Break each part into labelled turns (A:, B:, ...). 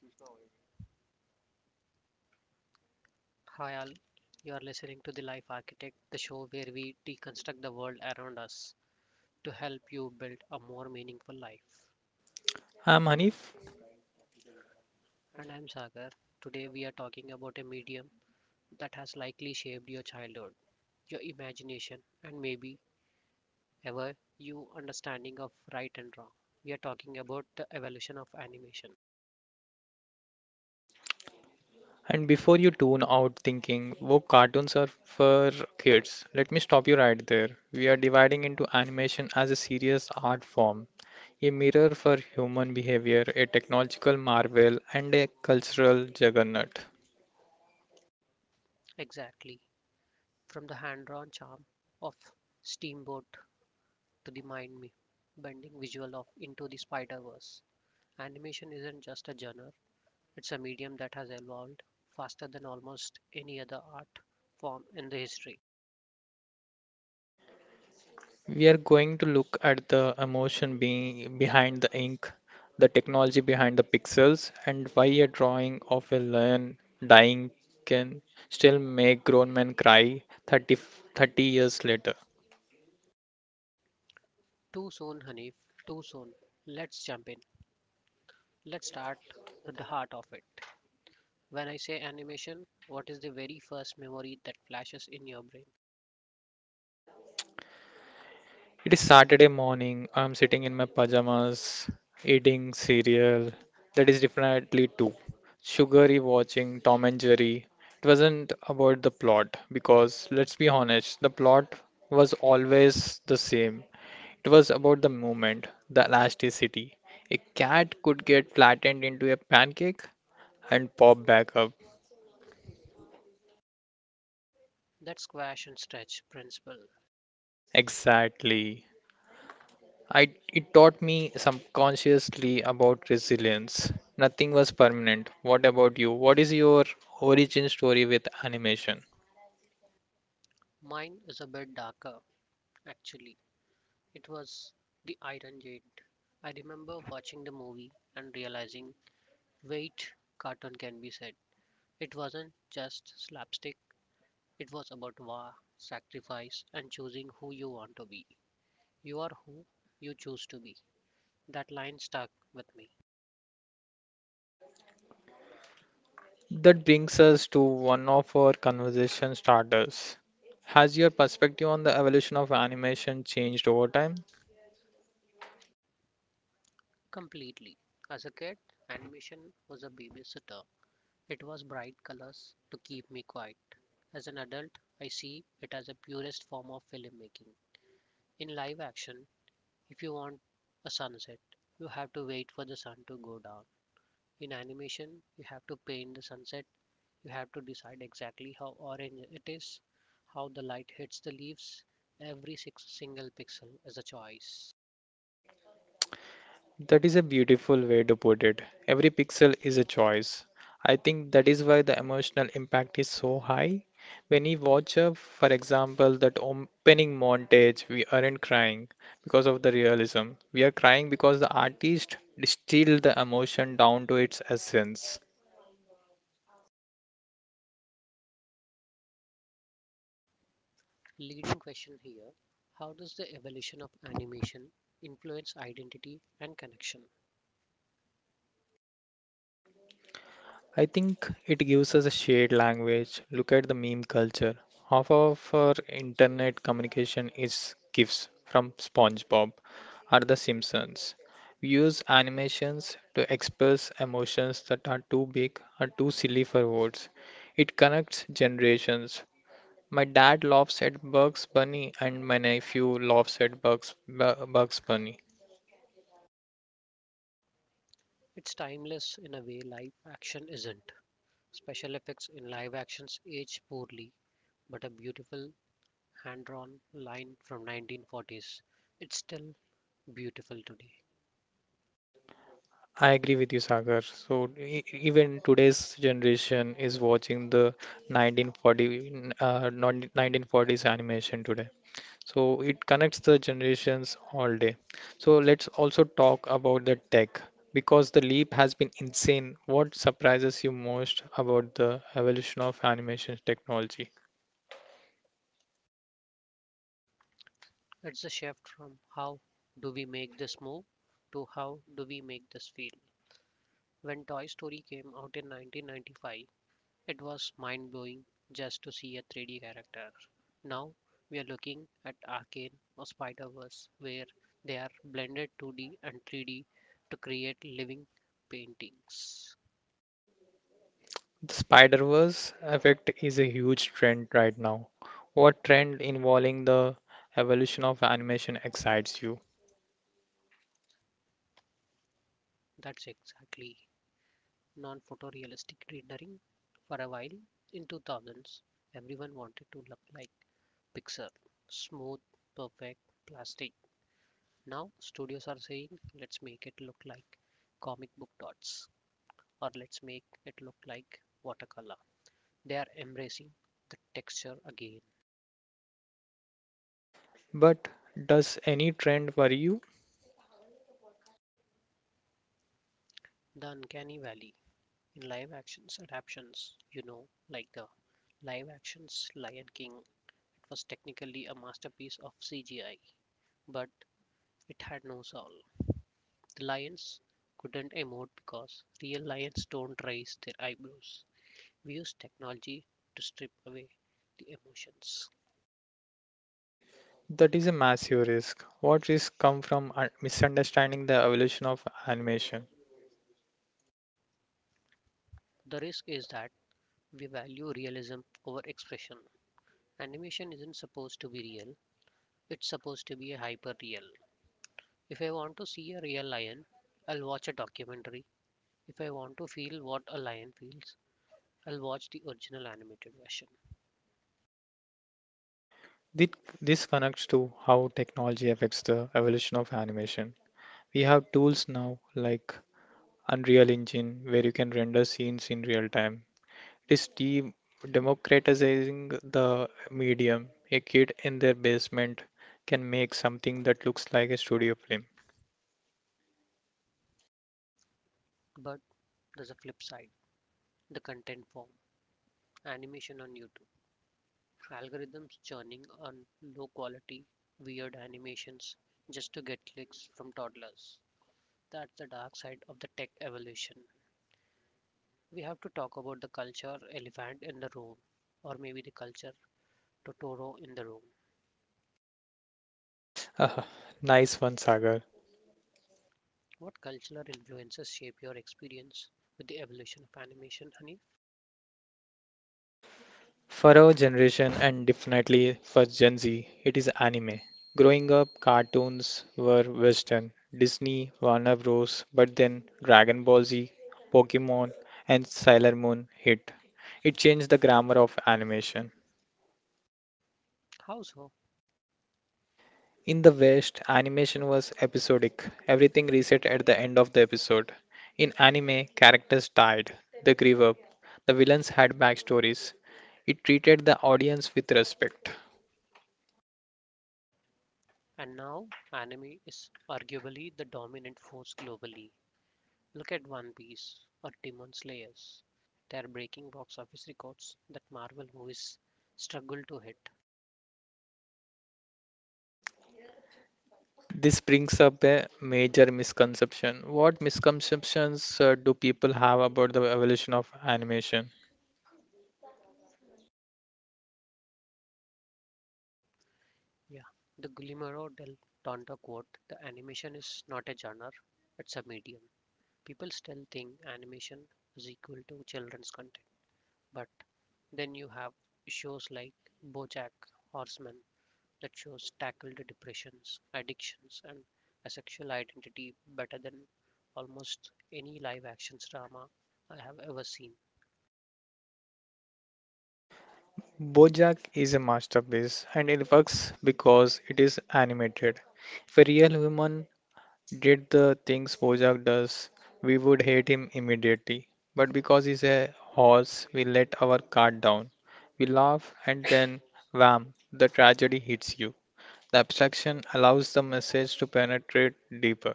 A: Hi all, you are listening to The Life Architect, the show where we deconstruct the world around us to help you build a more meaningful life.
B: I'm Hanif,
A: And I'm Sagar. Today we are talking about a medium that has likely shaped your childhood, your imagination, and maybe ever your understanding of right and wrong. We are talking about the evolution of animation.
B: and before you tune out thinking, oh, cartoons are for kids, let me stop you right there. We are dividing into animation as a serious art form, a mirror for human behavior, a technological marvel, and a cultural juggernaut.
A: Exactly. From the hand drawn charm of Steamboat to the mind bending visual of Into the Spider Verse. Animation isn't just a genre, it's a medium that has evolved faster than almost any other art form in the history.
B: We are going to look at the emotion being behind the ink, the technology behind the pixels, and why a drawing of a lion dying can still make grown men cry 30, 30 years later.
A: Too soon, Hanif, too soon. Let's jump in. Let's start with the heart of it. When I say animation, what is the very first memory that flashes in your brain?
B: It is Saturday morning. I'm sitting in my pajamas, eating cereal. That is definitely two. Sugary watching Tom and Jerry. It wasn't about the plot because, let's be honest, the plot was always the same. It was about the movement, the elasticity. A cat could get flattened into a pancake and pop back up.
A: That squash and stretch principle.
B: Exactly. It taught me subconsciously about resilience. Nothing was permanent. What about you? What is your origin story with animation?
A: Mine is a bit darker, actually. It was The Iron Jade. I remember watching the movie and realizing, wait, cartoon can be said. It wasn't just slapstick, it was about war, sacrifice, and choosing who you want to be. You are who you choose to be. That line stuck with me
B: That brings us to one of our conversation starters. Has your perspective on the evolution of animation changed over time?
A: completely. As a kid, animation was a babysitter. It was bright colors to keep me quiet. As an adult, I see it as a purest form of filmmaking. In live action, if you want a sunset, you have to wait for the sun to go down. In animation, you have to paint the sunset. You have to decide exactly how orange it is, how the light hits the leaves. Every six single pixel is a choice.
B: That is a beautiful way to put it. Every pixel is a choice. I think that is why the emotional impact is so high. When we watch a, for example, that opening montage, we aren't crying because of the realism. We are crying because the artist distilled the emotion down to its essence.
A: Leading question here: how does the evolution of animation influence identity and connection?
B: I think it gives us a shared language. Look at the meme culture. Half of our internet communication is GIFs from SpongeBob or The Simpsons. We use animations to express emotions that are too big or too silly for words. It connects generations. My dad laughs at Bugs Bunny, and my nephew laughs at Bugs Bunny.
A: It's timeless in a way live action isn't. Special effects in live actions age poorly, but a beautiful hand drawn line from 1940s. It's still beautiful today.
B: I agree with you, Sagar. So even today's generation is watching the not 1940s animation today. So it connects the generations all day. So let's also talk about the tech because the leap has been insane. What surprises you most about the evolution of animation technology?
A: It's a shift from how do we make this move to how do we make this feel. When Toy Story came out in 1995, it was mind blowing just to see a 3D character. Now we are looking at Arcane or Spider Verse, where they are blended 2D and 3D to create living paintings.
B: The Spider-Verse effect is a huge trend right now. What trend involving the evolution of animation excites you?
A: That's exactly non photorealistic rendering. For a while in 2000s, everyone wanted to look like picture smooth perfect plastic now studios are saying let's make it look like comic book dots or let's make it look like watercolor they are embracing the texture again.
B: But does any trend worry you?
A: The uncanny valley in live actions adaptations, you know, like the live actions lion king, it was technically a masterpiece of cgi, but it had no soul. The lions couldn't emote because real lions don't raise their eyebrows. We use technology to strip away the emotions.
B: That is a massive risk. What risks come from misunderstanding the evolution of animation?
A: The risk is that we value realism over expression. Animation isn't supposed to be real, it's supposed to be hyper real. If I want to see a real lion, I'll watch a documentary. If I want to feel what a lion feels, I'll watch the original animated version.
B: Thi- This connects to how technology affects the evolution of animation. We have tools now like Unreal Engine, where you can render scenes in real time. It is democratizing the medium. A kid in their basement can make something that looks like a studio film.
A: But there's a flip side, the content form, animation on YouTube. Algorithms churning on low quality, weird animations just to get clicks from toddlers. That's the dark side of the tech evolution. We have to talk about the culture elephant in the room, or maybe the culture Totoro in the room.
B: Ah, nice one, Sagar.
A: What cultural influences shape your experience with the evolution of animation, honey?
B: For our generation and definitely for Gen Z, it is anime. Growing up, cartoons were Western, Disney, Warner Bros., but then Dragon Ball Z, Pokemon, and Sailor Moon hit. It changed the grammar of animation.
A: How so?
B: In the West, animation was episodic, everything reset at the end of the episode. In anime, characters died, they grew up, the villains had backstories. It treated the audience with respect.
A: And now, anime is arguably the dominant force globally. Look at One Piece or Demon Slayers. They are breaking box office records that Marvel movies struggle to hit.
B: This brings up a major misconception. What misconceptions do people have about the evolution of animation?
A: Yeah, the Guillermo del Toro quote: the animation is not a genre, it's a medium. People still think animation is equal to children's content. But then you have shows like Bojack Horseman that shows tackled depressions, addictions, and a sexual identity better than almost any live action drama I have ever seen.
B: BoJack is a masterpiece and it works because it is animated. If a real human did the things BoJack does, we would hate him immediately. But because he's a horse, we let our guard down. We laugh and then wham, the tragedy hits you. The abstraction allows the message to penetrate deeper.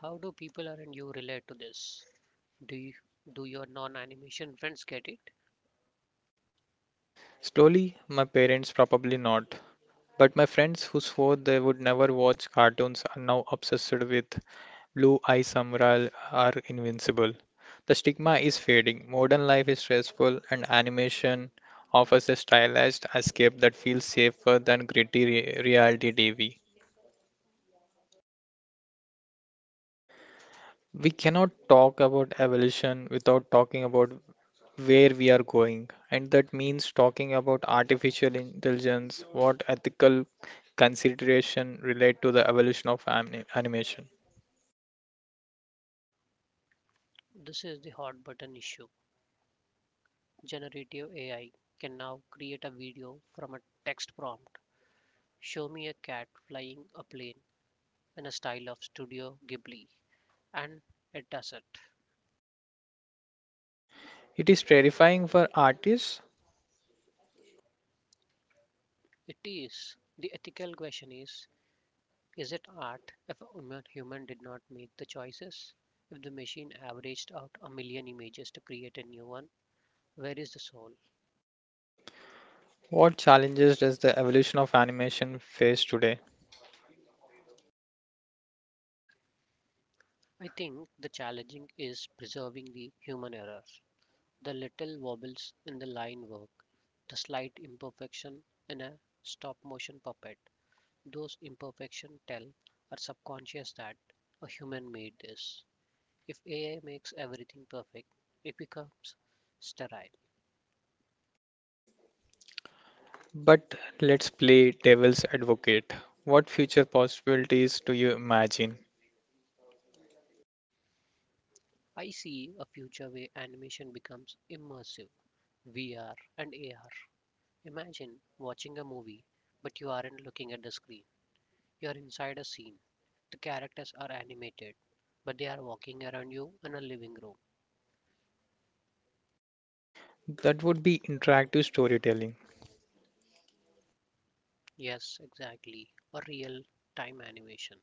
A: How do people around you relate to this? Do you, do your non animation friends get it?
B: Slowly, my parents probably not. But my friends who swore they would never watch cartoons are now obsessed with Blue Eye Samurai are invincible. The stigma is fading, modern life is stressful, and animation offers a stylized escape that feels safer than gritty reality TV. We cannot talk about evolution without talking about where we are going, and that means talking about artificial intelligence, what ethical consideration relate to the evolution of animation.
A: This is the hot button issue. Generative AI can now create a video from a text prompt. Show me a cat flying a plane in a style of Studio Ghibli. And it does it.
B: It is terrifying for artists.
A: It is. The ethical question is it art if a human- did not make the choices? If the machine averaged out a million images to create a new one, where is the soul?
B: What challenges does the evolution of animation face today?
A: I think the challenging is preserving the human error. The little wobbles in the line work, the slight imperfection in a stop motion puppet, those imperfections tell our subconscious that a human made this. If AI makes everything perfect, it becomes sterile.
B: But let's play devil's advocate. What future possibilities do you imagine?
A: I see a future where animation becomes immersive, VR and AR. Imagine watching a movie, but you aren't looking at the screen. You're inside a scene. The characters are animated, but they are walking around you in a living room.
B: That would be interactive storytelling.
A: Yes, exactly. A real time animation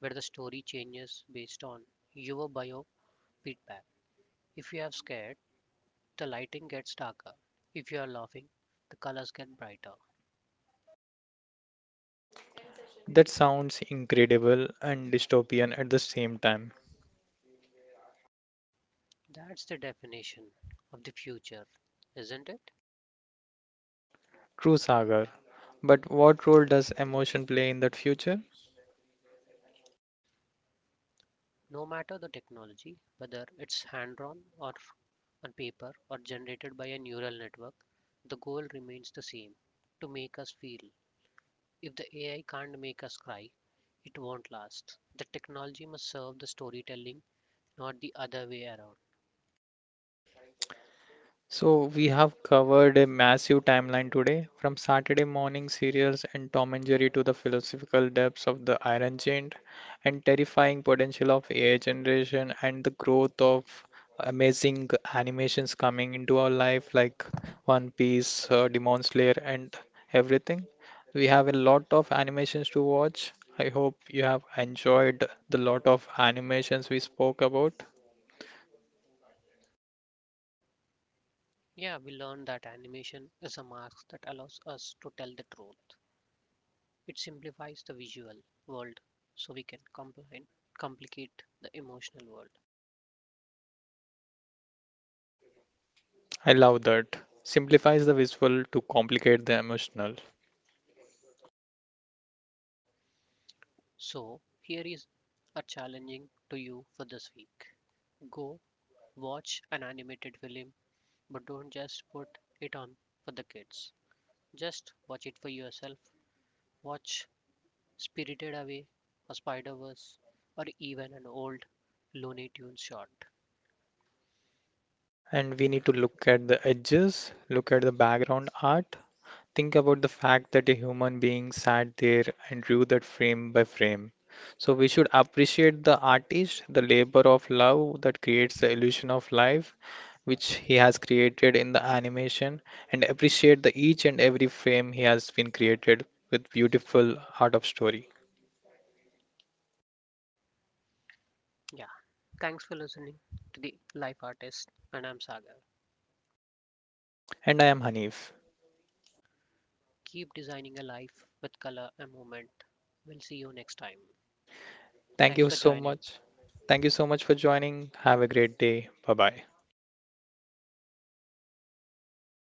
A: where the story changes based on your bio feedback. If you are scared, the lighting gets darker. If you are laughing, the colors get brighter.
B: That sounds incredible and dystopian at the same time.
A: That's the definition of the future, isn't it?
B: True, Sagar. But what role does emotion play in that future?
A: No matter the technology, whether it's hand drawn or f- on paper or generated by a neural network, the goal remains the same, to make us feel. If the AI can't make us cry, it won't last. The technology must serve the storytelling, not the other way around.
B: So, we have covered a massive timeline today, from Saturday morning serials and Tom and Jerry to the philosophical depths of the Iron Giant and terrifying potential of AI generation and the growth of amazing animations coming into our life, like One Piece, Demon Slayer, and everything. We have a lot of animations to watch. I hope you have enjoyed the lot of animations we spoke about.
A: Yeah, we learned that animation is a mask that allows us to tell the truth. It simplifies the visual world so we can complicate the emotional world.
B: I love that. Simplifies the visual to complicate the emotional.
A: So, here is a challenging to you for this week. Go watch an animated film, but don't just put it on for the kids. Just watch it for yourself. Watch Spirited Away, a Spider Verse, or even an old Looney Tunes short.
B: And we need to look at the edges, look at the background art, think about the fact that a human being sat there and drew that frame by frame. So we should appreciate the artist, the labor of love that creates the illusion of life, which he has created in the animation, and appreciate the each and every frame he has been created with beautiful art of story.
A: Yeah, thanks for listening to the Life Artist, and I'm Sagar.
B: And I am Hanif.
A: Keep designing a life with color and movement. We'll see you next time.
B: Thank
A: Thanks
B: you
A: for
B: so
A: joining.
B: much. Thank you so much for joining. Have a great day. Bye bye.